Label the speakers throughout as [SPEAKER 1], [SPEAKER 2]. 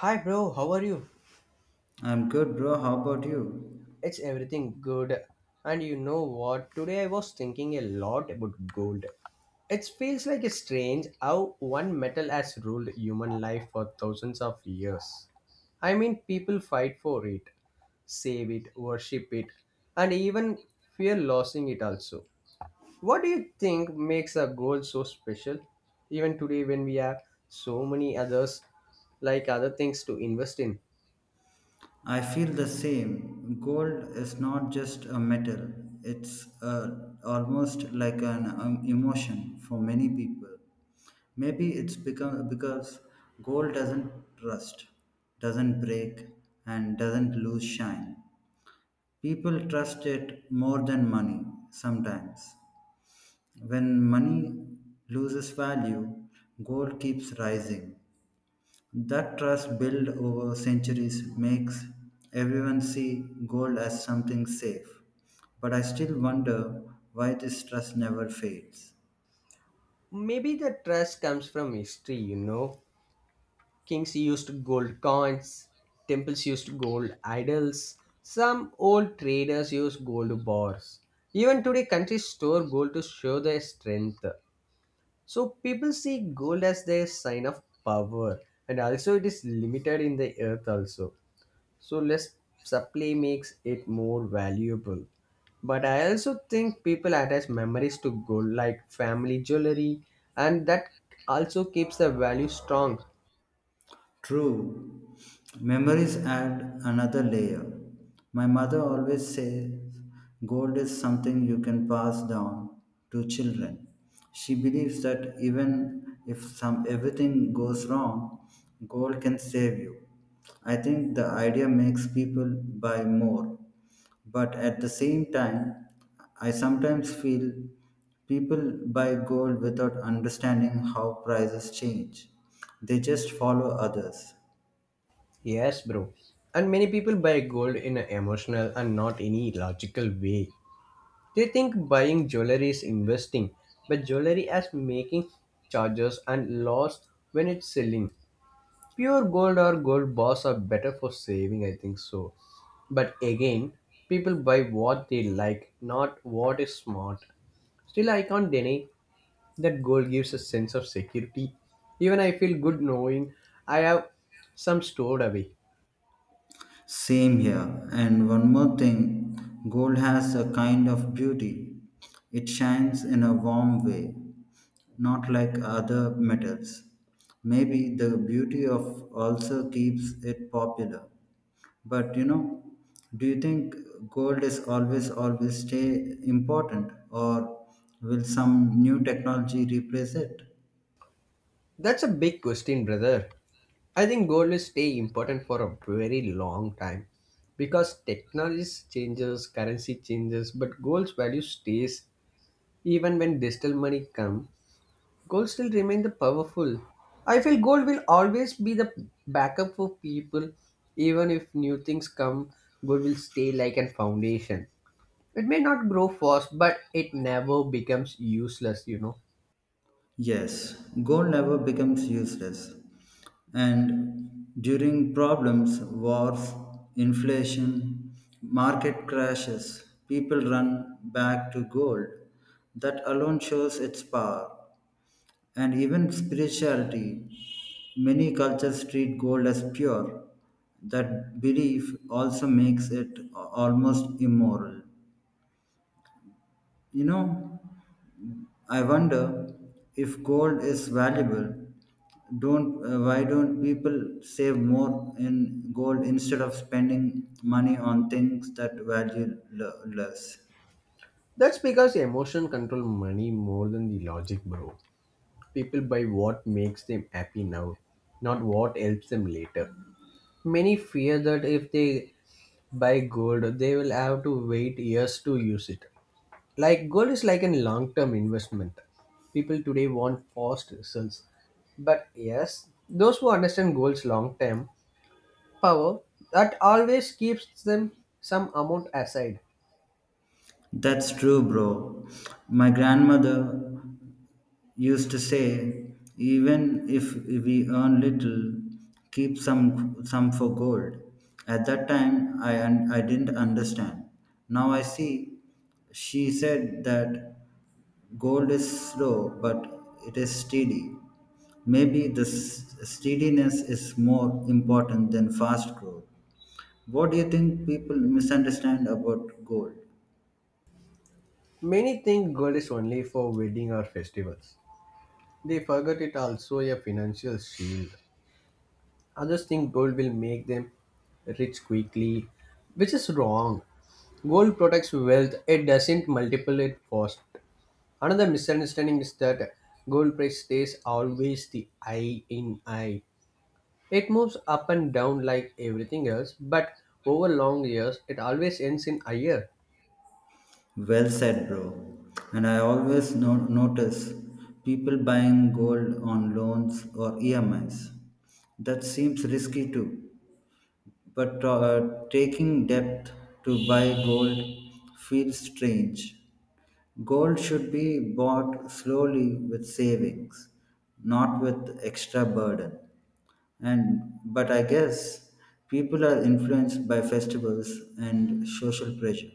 [SPEAKER 1] Hi bro, how are you?
[SPEAKER 2] I'm good, bro. How about you?
[SPEAKER 1] It's everything good. And you know what? Today I was thinking a lot about gold. It feels like a strange how one metal has ruled human life for thousands of years. I mean, people fight for it, save it, worship it, and even fear losing it also. What do you think makes a gold so special? Even today, when we have so many others, like other things to invest in.
[SPEAKER 2] I feel the same. Gold is not just a metal, it's almost like an emotion for many people. Maybe it's become because gold doesn't rust, doesn't break, and doesn't lose shine. People trust it more than money sometimes. When money loses value, gold keeps rising. That trust built over centuries makes everyone see gold as something safe. But I still wonder why this trust never fades.
[SPEAKER 1] Maybe the trust comes from history. Kings used gold coins, temples used gold idols, some old traders used gold bars. Even today, countries store gold to show their strength. So people see gold as their sign of power, and also it is limited in the earth also, so less supply makes it more valuable, but I also think people attach memories to gold, like family jewelry, and that also keeps the value strong.
[SPEAKER 2] True, memories add another layer. My mother always says gold is something you can pass down to children. She believes that even if some everything goes wrong, gold can save you. I think the idea makes people buy more. But at the same time, I sometimes feel people buy gold without understanding how prices change. They just follow others.
[SPEAKER 1] Yes, bro, and many people buy gold in an emotional and not any logical way. They think buying jewelry is investing, but jewelry as making charges and loss when it's selling. Pure gold or gold bars are better for saving, I think so. But again, people buy what they like, not what is smart. Still, I can't deny that gold gives a sense of security. Even I feel good knowing I have some stored away.
[SPEAKER 2] Same here. And one more thing, gold has a kind of beauty. It shines in a warm way, not like other metals. Maybe the beauty of also keeps it popular. But you know, do you think gold is always stay important, or will some new technology replace it?
[SPEAKER 1] That's a big question, brother. I think gold will stay important for a very long time because technology changes, currency changes, but gold's value stays even when digital money come. Gold still remain the powerful. I feel gold will always be the backup for people, even if new things come. Gold will stay like a foundation. It may not grow fast, but it never becomes useless.
[SPEAKER 2] Yes, gold never becomes useless. And during problems, wars, inflation, market crashes, people run back to gold. That alone shows its power. And even spirituality. Many cultures treat gold as pure. That belief also makes it almost immoral. You know, I wonder if gold is valuable, don't why don't people save more in gold instead of spending money on things that value less?
[SPEAKER 1] That's because emotion control money more than the logic, bro. People buy what makes them happy now, not what helps them later. Many fear that if they buy gold, they will have to wait years to use it. Like gold is like a long-term investment. People today want fast results. But yes, those who understand gold's long-term power, that always keeps them some amount aside.
[SPEAKER 2] That's true, bro. My grandmother used to say, even if we earn little, keep some for gold. At that time, I didn't understand. Now I see. She said that gold is slow, but it is steady. Maybe this steadiness is more important than fast growth. What do you think people misunderstand about gold?
[SPEAKER 1] Many think gold is only for wedding or festivals. They forget it also a financial shield. Others think gold will make them rich quickly, which is wrong. Gold protects wealth, it doesn't multiply it fast. Another misunderstanding is that gold price stays always the eye in eye. It moves up and down like everything else, but over long years, it always ends in higher.
[SPEAKER 2] Well said, bro. And I always notice people buying gold on loans or EMIs. That seems risky too. But taking debt to buy gold feels strange. Gold should be bought slowly with savings, not with extra burden. And but I guess people are influenced by festivals and social pressure.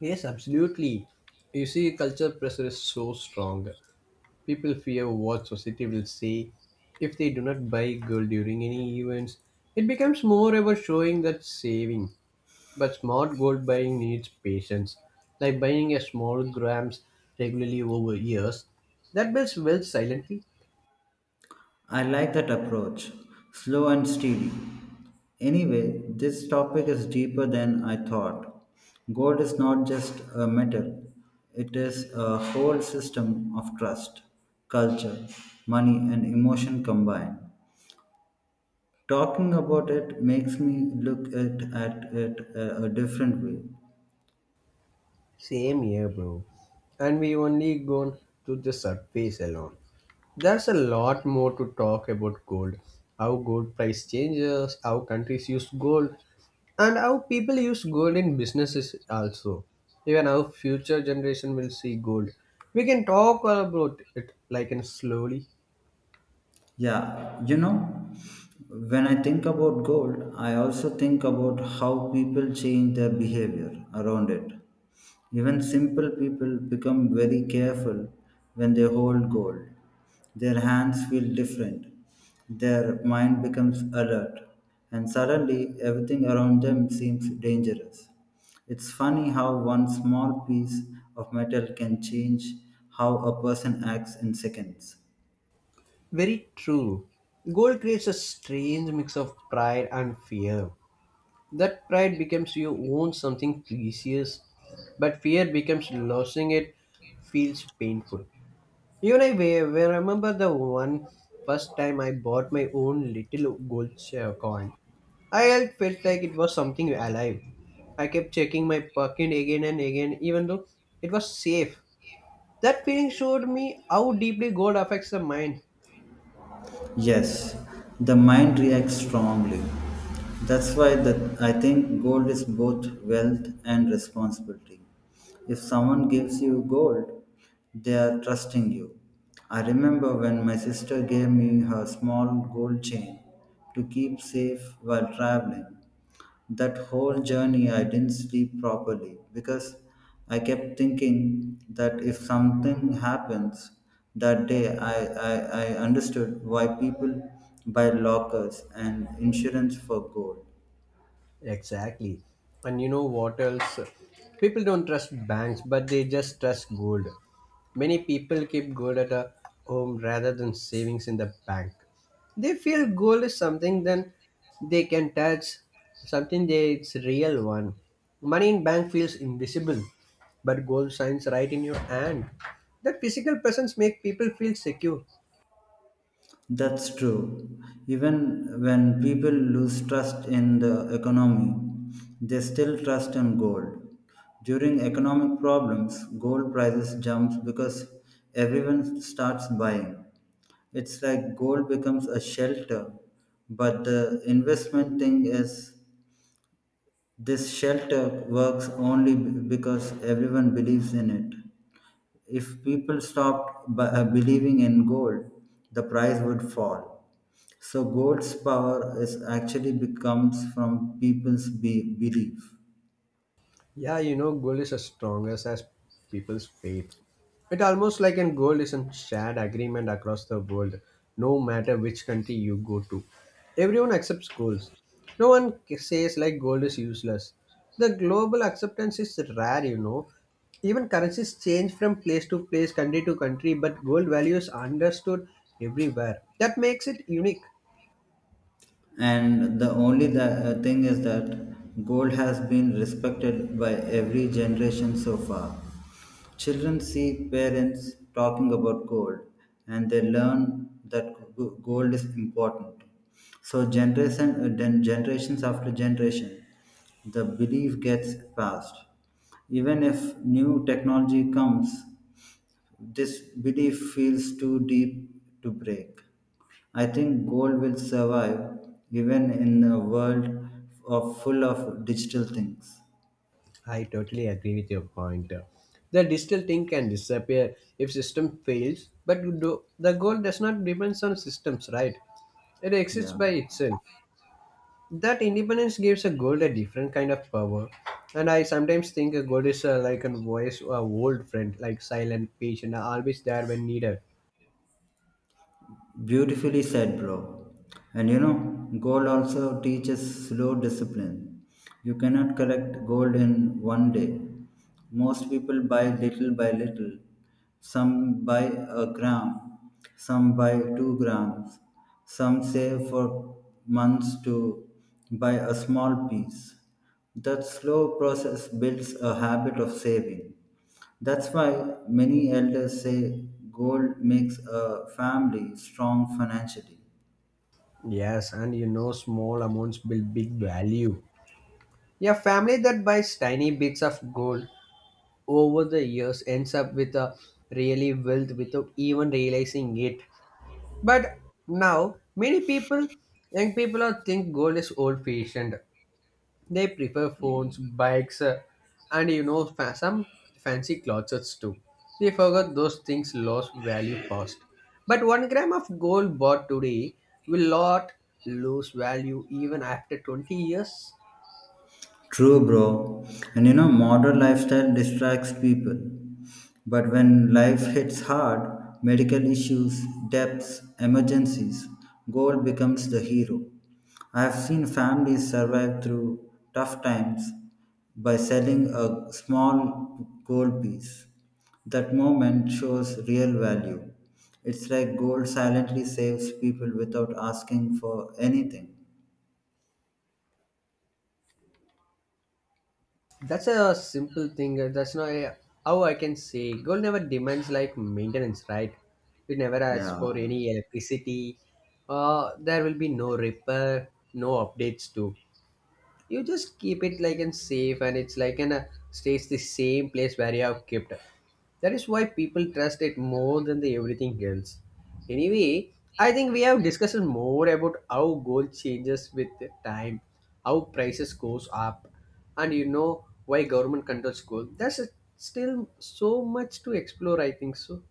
[SPEAKER 1] Yes, absolutely. You see, culture pressure is so strong. People fear what society will say if they do not buy gold during any events. It becomes more about showing that saving. But smart gold buying needs patience, like buying a small grams regularly over years. That builds wealth silently.
[SPEAKER 2] I like that approach, slow and steady. Anyway, this topic is deeper than I thought. Gold is not just a metal, it is a whole system of trust, culture, money, and emotion combined. Talking about it makes me look at it a different way.
[SPEAKER 1] Same here, bro. And we only gone to the surface alone. There's a lot more to talk about gold. How gold price changes, how countries use gold, and how people use gold in businesses also. Even how future generation will see gold. We can talk about it like in slowly.
[SPEAKER 2] Yeah, you know, when I think about gold, I also think about how people change their behavior around it. Even simple people become very careful when they hold gold. Their hands feel different, their mind becomes alert, and suddenly everything around them seems dangerous. It's funny how one small piece of metal can change how a person acts in seconds.
[SPEAKER 1] Very true. Gold creates a strange mix of pride and fear. That pride becomes you own something precious, but fear becomes losing it feels painful. Even I remember the one first time I bought my own little gold share coin. I had felt like it was something alive. I kept checking my pocket again and again, even though it was safe. That feeling showed me how deeply gold affects the mind.
[SPEAKER 2] Yes, the mind reacts strongly. That's why I think gold is both wealth and responsibility. If someone gives you gold, they are trusting you. I remember when my sister gave me her small gold chain to keep safe while traveling. That whole journey, I didn't sleep properly because I kept thinking that if something happens that day, I understood why people buy lockers and insurance for gold.
[SPEAKER 1] Exactly. And you know what else? People don't trust banks, but they just trust gold. Many people keep gold at a home rather than savings in the bank. They feel gold is something then they can touch, something they it's real one. Money in bank feels invisible, but gold shines right in your hand. That physical presence make people feel secure.
[SPEAKER 2] That's true. Even when people lose trust in the economy, they still trust in gold. During economic problems, gold prices jumps because everyone starts buying. It's like gold becomes a shelter, but the investment thing is this shelter works only because everyone believes in it. If people stopped believing in gold, the price would fall. So gold's power is actually becomes from people's belief.
[SPEAKER 1] Yeah, gold is as strong as people's faith. It almost like an gold is a shared agreement across the world, no matter which country you go to. Everyone accepts goals. No one says like gold is useless. The global acceptance is rare. Even currencies change from place to place, country to country, but gold value is understood everywhere. That makes it unique.
[SPEAKER 2] And the only thing is that gold has been respected by every generation so far. Children see parents talking about gold and they learn that gold is important. So generation then generations after generation the belief gets passed. Even if new technology comes, this belief feels too deep to break. I think gold will survive even in a world of full of digital things.
[SPEAKER 1] I totally agree with your point. The digital thing can disappear if system fails, but the goal does not depend on systems, right? It exists
[SPEAKER 2] Yeah.
[SPEAKER 1] by itself. That independence gives a gold a different kind of power. And I sometimes think a gold is like a voice, a old friend, like silent, patient, always there when needed.
[SPEAKER 2] Beautifully said, bro. And you know, gold also teaches slow discipline. You cannot collect gold in one day. Most people buy little by little. Some buy a gram, some buy 2 grams, some save for months to buy a small piece. That slow process builds a habit of saving. That's why many elders say gold makes a family strong financially.
[SPEAKER 1] Yes, and small amounts build big value. Yeah, family that buys tiny bits of gold over the years ends up with a really wealth without even realizing it. But now many people, young people, are think gold is old-fashioned. They prefer phones, bikes, and some fancy closets too. They forgot those things lost value fast. But 1 gram of gold bought today will not lose value even after 20 years.
[SPEAKER 2] True, bro. And you know, modern lifestyle distracts people. But when life hits hard, medical issues, debts, emergencies, gold becomes the hero. I have seen families survive through tough times by selling a small gold piece. That moment shows real value. It's like gold silently saves people without asking for anything.
[SPEAKER 1] That's a simple thing. That's not a- How I can say. Gold never demands like maintenance, right? It never asks for
[SPEAKER 2] Yeah.
[SPEAKER 1] any electricity. There will be no repair, no updates too. You just keep it like in safe and it's like in a stays the same place where you have kept it. That is why people trust it more than the everything else. Anyway, I think we have discussed more about how gold changes with the time, how prices goes up, and you know why government controls gold. Still so much to explore, I think so.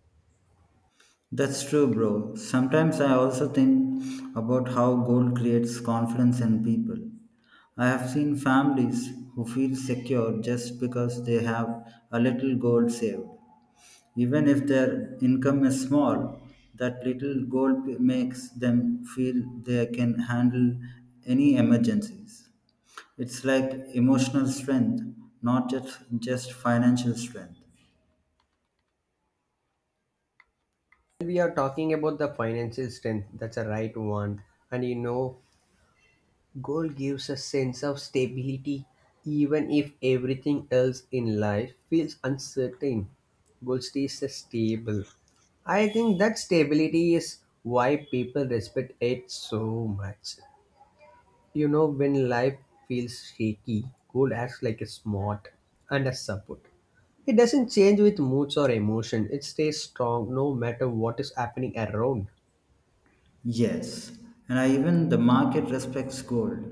[SPEAKER 2] That's true, bro. Sometimes I also think about how gold creates confidence in people. I have seen families who feel secure just because they have a little gold saved. Even if their income is small, that little gold makes them feel they can handle any emergencies. It's like emotional strength, not just financial strength.
[SPEAKER 1] We are talking about the financial strength, that's a right one. And gold gives a sense of stability even if everything else in life feels uncertain. Gold stays stable. I think that stability is why people respect it so much. When life feels shaky, gold acts like a smart and a support. It doesn't change with moods or emotion. It stays strong no matter what is happening around.
[SPEAKER 2] Yes, and I even the market respects gold.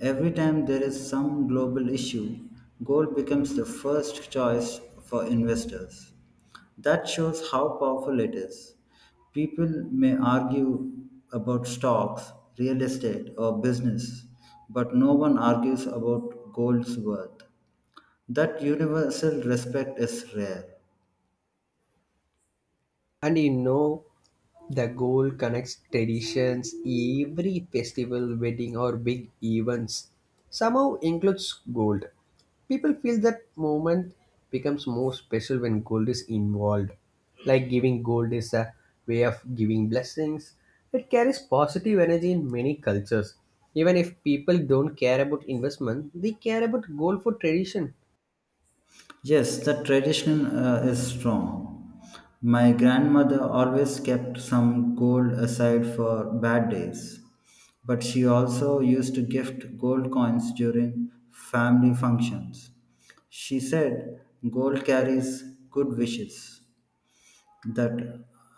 [SPEAKER 2] Every time there is some global issue, gold becomes the first choice for investors. That shows how powerful it is. People may argue about stocks, real estate, or business, but no one argues about gold's worth. That universal respect is rare.
[SPEAKER 1] And the goal connects traditions, every festival, wedding, or big events somehow includes gold. People feel that moment becomes more special when gold is involved. Like giving gold is a way of giving blessings. It carries positive energy in many cultures. Even if people don't care about investment, they care about gold for tradition.
[SPEAKER 2] Yes, the tradition is strong. My grandmother always kept some gold aside for bad days, but she also used to gift gold coins during family functions. She said gold carries good wishes. That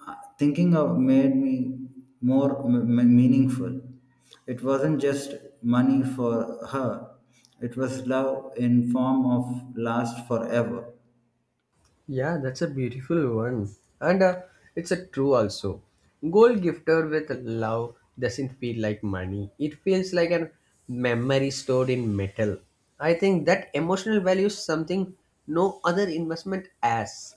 [SPEAKER 2] thinking of made me more meaningful. It wasn't just money for her; it was love in form of last forever.
[SPEAKER 1] Yeah, that's a beautiful one. And it's a true also. Gold gifter with love doesn't feel like money. It feels like an memory stored in metal. I think that emotional value is something no other investment has.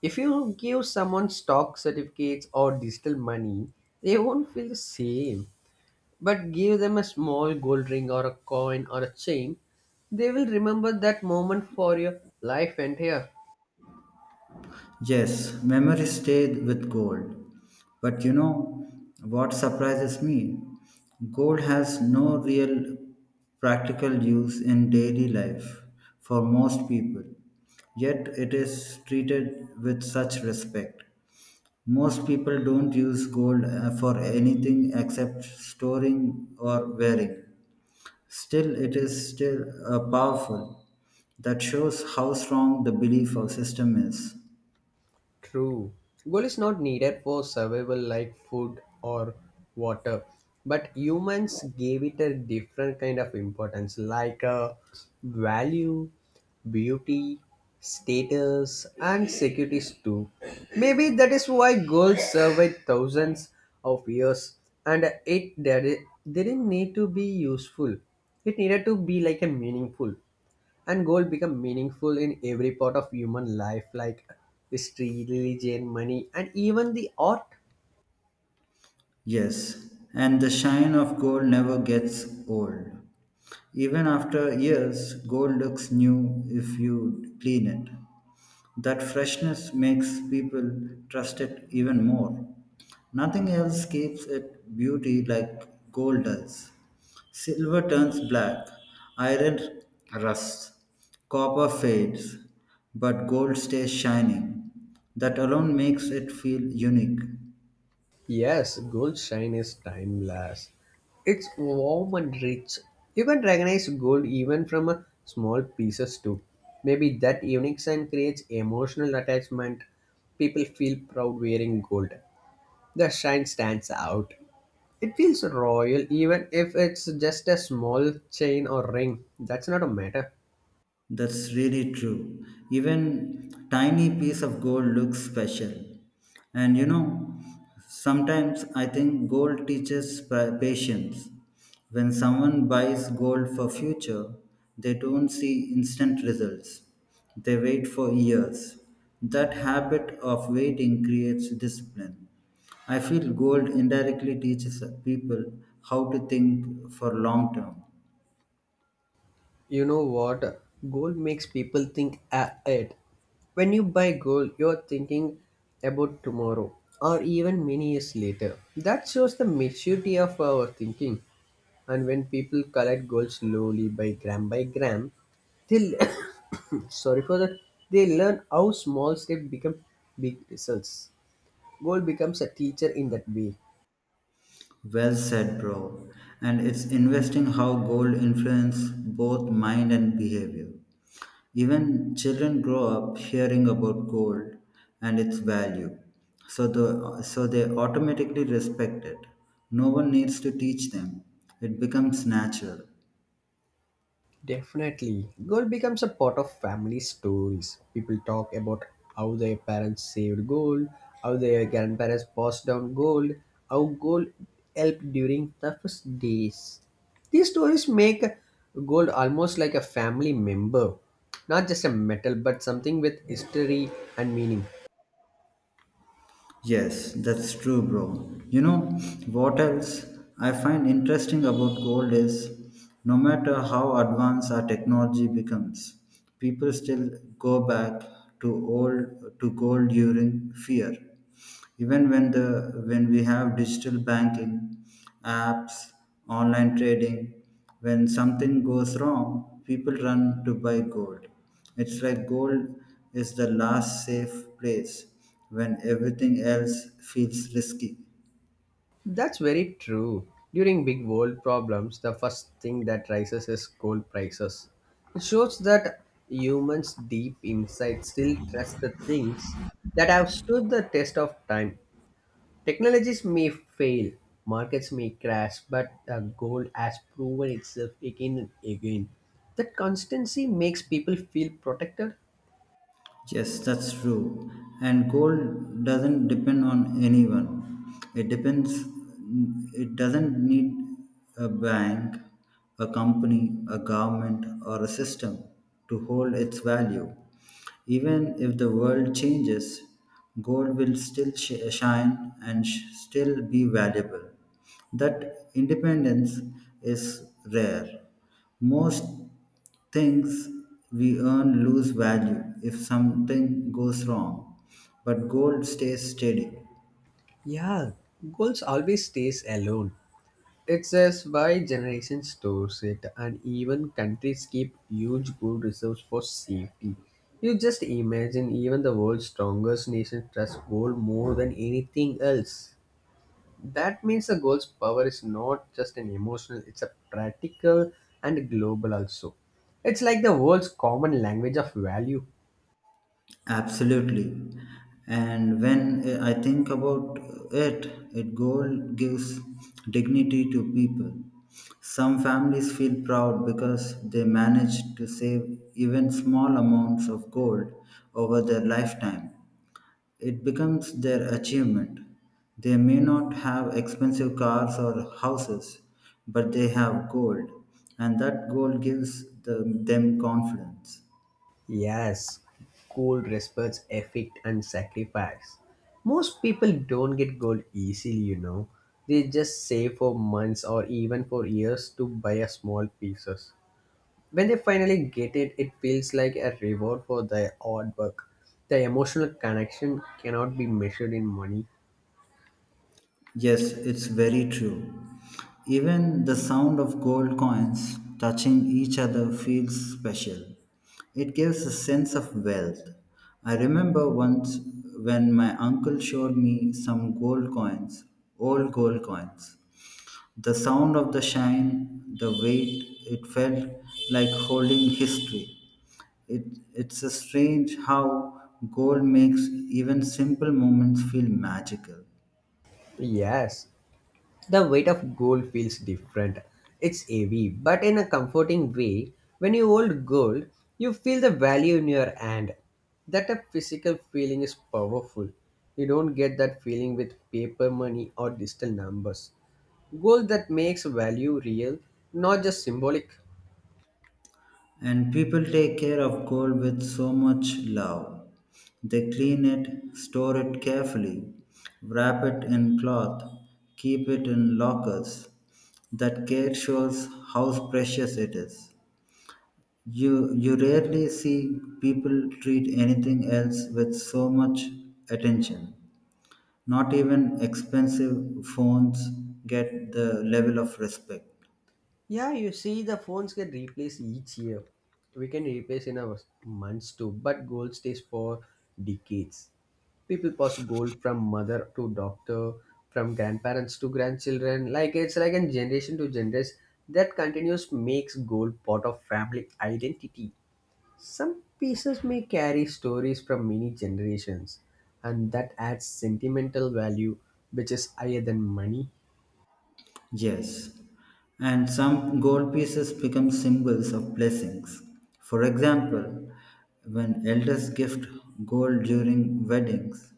[SPEAKER 1] If you give someone stock certificates or digital money, they won't feel the same. But give them a small gold ring or a coin or a chain, they will remember that moment for your life entire.
[SPEAKER 2] Yes, memories stay with gold. But you know what surprises me? Gold has no real practical use in daily life for most people, yet it is treated with such respect. Most people don't use gold for anything except storing or wearing. Still, it is still powerful. That shows how strong the belief of system is.
[SPEAKER 1] True. Gold is not needed for survival like food or water, but humans gave it a different kind of importance like value, beauty, status, and securities too. Maybe that is why gold survived thousands of years, and it didn't need to be useful, it needed to be like a meaningful, and goal become meaningful in every part of human life, like history, religion, money, and even the art.
[SPEAKER 2] Yes, and the shine of gold never gets old. Even after years, gold looks new if you clean it. That freshness makes people trust it even more. Nothing else keeps its beauty like gold does. Silver turns black, iron rusts, copper fades, but gold stays shining. That alone makes it feel unique.
[SPEAKER 1] Yes, gold shine is timeless. It's warm and rich. You can recognize gold even from a small pieces too. Maybe that unique shine creates emotional attachment. People feel proud wearing gold. The shine stands out. It feels royal even if it's just a small chain or ring. That's not a matter.
[SPEAKER 2] That's really true. Even tiny piece of gold looks special. And you know, sometimes I think gold teaches patience. When someone buys gold for future, they don't see instant results. They wait for years. That habit of waiting creates discipline. I feel gold indirectly teaches people how to think for long term.
[SPEAKER 1] You know what? Gold makes people think ahead. When you buy gold, you're thinking about tomorrow or even many years later. That shows the maturity of our thinking. And when people collect gold slowly by gram, they sorry for that, they learn how small steps become big results. Gold becomes a teacher in that way.
[SPEAKER 2] Well said, bro. And it's investing how gold influence both mind and behavior. Even children grow up hearing about gold and its value, so the so they automatically respect it. No one needs to teach them; it becomes natural.
[SPEAKER 1] Definitely. Gold becomes a part of family stories. People talk about how their parents saved gold, how their grandparents passed down gold, how gold helped during toughest days. These stories make gold almost like a family member, not just a metal, but something with history and meaning.
[SPEAKER 2] Yes, that's true, bro. You know what else I find interesting about gold is no matter how advanced our technology becomes, people still go back to old to gold during fear. Even when the when we have digital banking apps, online trading. When something goes wrong, people run to buy gold. It's like gold is the last safe place when everything else feels risky.
[SPEAKER 1] That's very true. During big world problems, the first thing that rises is gold prices. It shows that humans deep inside still trust the things that have stood the test of time. Technologies may fail, markets may crash, but gold has proven itself again and again. That constancy makes people feel protected.
[SPEAKER 2] Yes, that's true. And gold doesn't depend on anyone. It depends. It doesn't need a bank, a company, a government, or a system to hold its value. Even if the world changes, gold will still shine and still be valuable. That independence is rare. Most things we earn lose value if something goes wrong, but gold stays steady.
[SPEAKER 1] Yeah, gold always stays alone. It says why generation stores it and even countries keep huge gold reserves for safety. You just imagine even the world's strongest nation trusts gold more than anything else. That means the gold's power is not just an emotional, it's a practical and global also. It's like the world's common language of value.
[SPEAKER 2] Absolutely. And when I think about it, it, gold gives dignity to people. Some families feel proud because they managed to save even small amounts of gold over their lifetime. It becomes their achievement. They may not have expensive cars or houses, but they have gold, and that gold gives them confidence.
[SPEAKER 1] Yes, goal respects effort and sacrifice. Most people don't get gold easily, you know. They just save for months or even for years to buy a small pieces. When they finally get it, it feels like a reward for their hard work. The emotional connection cannot be measured in money.
[SPEAKER 2] Yes, it's very true. Even the sound of gold coins touching each other feels special. It gives a sense of wealth. I remember once when my uncle showed me some gold coins, old gold coins. The sound of the shine, the weight, it felt like holding history. It's a strange how gold makes even simple moments feel magical.
[SPEAKER 1] Yes, the weight of gold feels different. It's heavy, but in a comforting way. When you hold gold, you feel the value in your hand. That a physical feeling is powerful. You don't get that feeling with paper money or digital numbers. Gold that makes value real, not just symbolic.
[SPEAKER 2] And people take care of gold with so much love. They clean it, store it carefully, wrap it in cloth, keep it in lockers. That care shows how precious it is. You rarely see people treat anything else with so much attention. Not even expensive phones get the level of respect.
[SPEAKER 1] Yeah, you see, the phones get replaced each year. We can replace in a months too, but gold stays for decades. People pass gold from mother to doctor, from grandparents to grandchildren. Like it's like a generation to generation that continues makes gold part of family identity. Some pieces may carry stories from many generations, and that adds sentimental value, which is higher than money.
[SPEAKER 2] Yes, and some gold pieces become symbols of blessings. For example, when elders gift gold during weddings,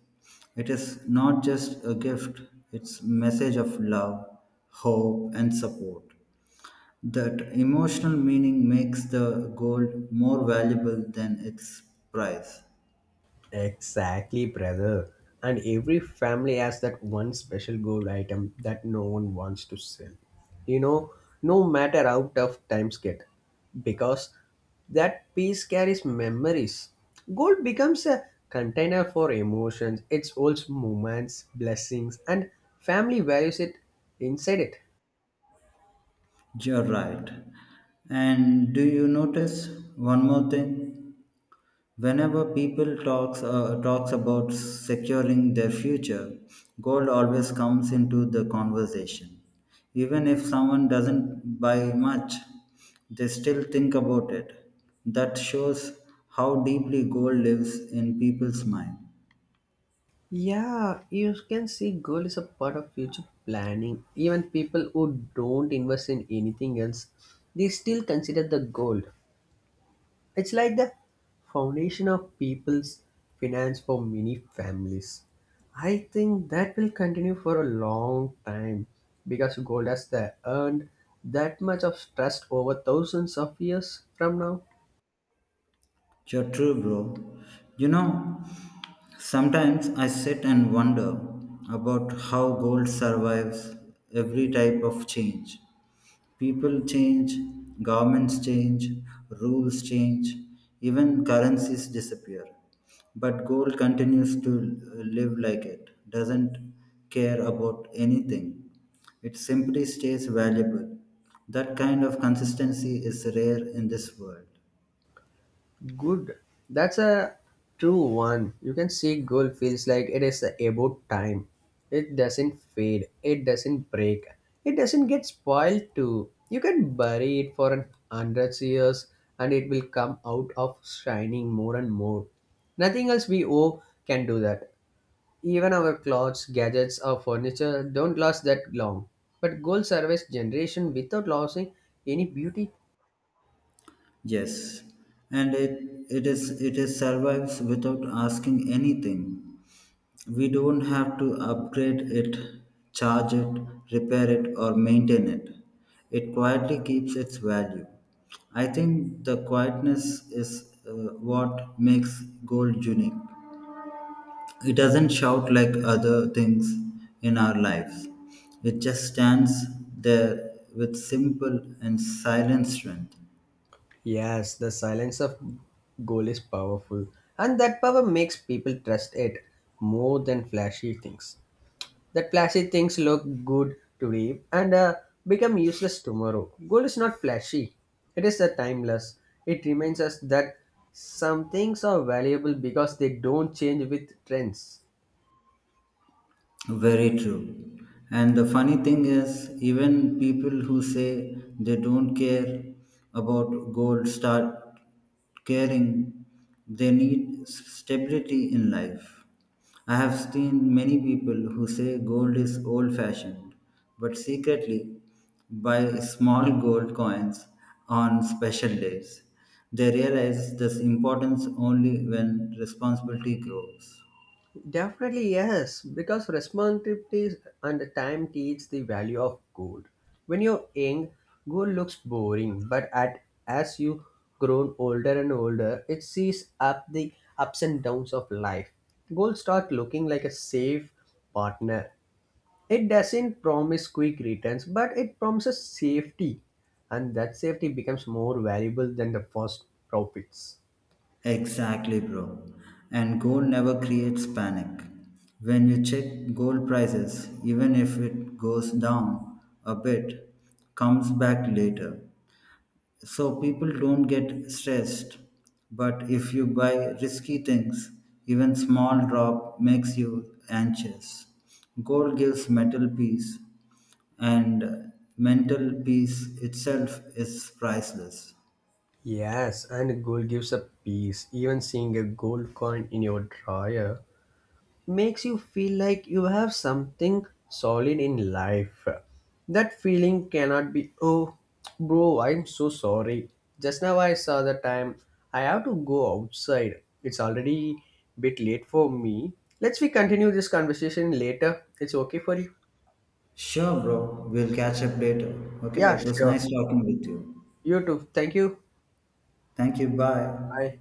[SPEAKER 2] it is not just a gift, it's message of love, hope and support. That emotional meaning makes the gold more valuable than its price.
[SPEAKER 1] Exactly, brother. And every family has that one special gold item that no one wants to sell. You know, no matter how tough times get, because that piece carries memories. Gold becomes a container for emotions, it holds moments, blessings, and family values it inside it.
[SPEAKER 2] You're right. And do you notice one more thing? Whenever people talks about securing their future, gold always comes into the conversation. Even if someone doesn't buy much, they still think about it. That shows how deeply gold lives in people's mind.
[SPEAKER 1] Yeah, you can see goal is a part of future planning. Even people who don't invest in anything else, they still consider the goal. It's like the foundation of people's finance for many families. I think that will continue for a long time because gold has the earned that much of trust over thousands of years from now.
[SPEAKER 2] You're true, bro. You know, sometimes I sit and wonder about how gold survives every type of change. People change, governments change, rules change, even currencies disappear. But gold continues to live like it, doesn't care about anything. It simply stays valuable. That kind of consistency is rare in this world.
[SPEAKER 1] Good. That's a true one. You can see gold feels like it is about time. It doesn't fade. It doesn't break. It doesn't get spoiled too. You can bury it for an 100 years and it will come out of shining more and more. Nothing else we owe can do that. Even our clothes, gadgets, or furniture don't last that long. But gold survives generation without losing any beauty.
[SPEAKER 2] Yes, and it, it is survives without asking anything. We don't have to upgrade it, charge it, repair it, or maintain it. It quietly keeps its value. I think the quietness is what makes gold unique. It doesn't shout like other things in our lives. It just stands there with simple and silent strength.
[SPEAKER 1] Yes, the silence of goal is powerful, and that power makes people trust it more than flashy things. That flashy things look good today and become useless tomorrow. Goal is not flashy; it is timeless. It reminds us that some things are valuable because they don't change with trends.
[SPEAKER 2] Very true. And the funny thing is, even people who say they don't care about gold start caring. They need stability in life. I have seen many people who say gold is old fashioned, but secretly buy small gold coins on special days. They realize this importance only when responsibility grows.
[SPEAKER 1] Definitely yes, because responsibility and the time teach the value of gold. When you're young, gold looks boring, but at as you grown older and older, it sees up the ups and downs of life. Gold start looking like a safe partner. It doesn't promise quick returns, but it promises safety, and that safety becomes more valuable than the first profits.
[SPEAKER 2] Exactly, bro. And gold never creates panic. When you check gold prices, even if it goes down a bit, comes back later. So people don't get stressed. But if you buy risky things, even small drop makes you anxious. Gold gives mental peace, and mental peace itself is priceless.
[SPEAKER 1] Yes, and gold gives a peace. Even seeing a gold coin in your drawer makes you feel like you have something solid in life. That feeling cannot be, oh, bro, I'm so sorry. Just now I saw the time. I have to go outside. It's already bit late for me. Let's we continue this conversation later. It's okay for you?
[SPEAKER 2] Sure, bro. We'll catch up later. Okay.
[SPEAKER 1] Yeah,
[SPEAKER 2] It was
[SPEAKER 1] sure.
[SPEAKER 2] nice talking with you.
[SPEAKER 1] You too. Thank you.
[SPEAKER 2] Thank you. Bye.
[SPEAKER 1] Bye.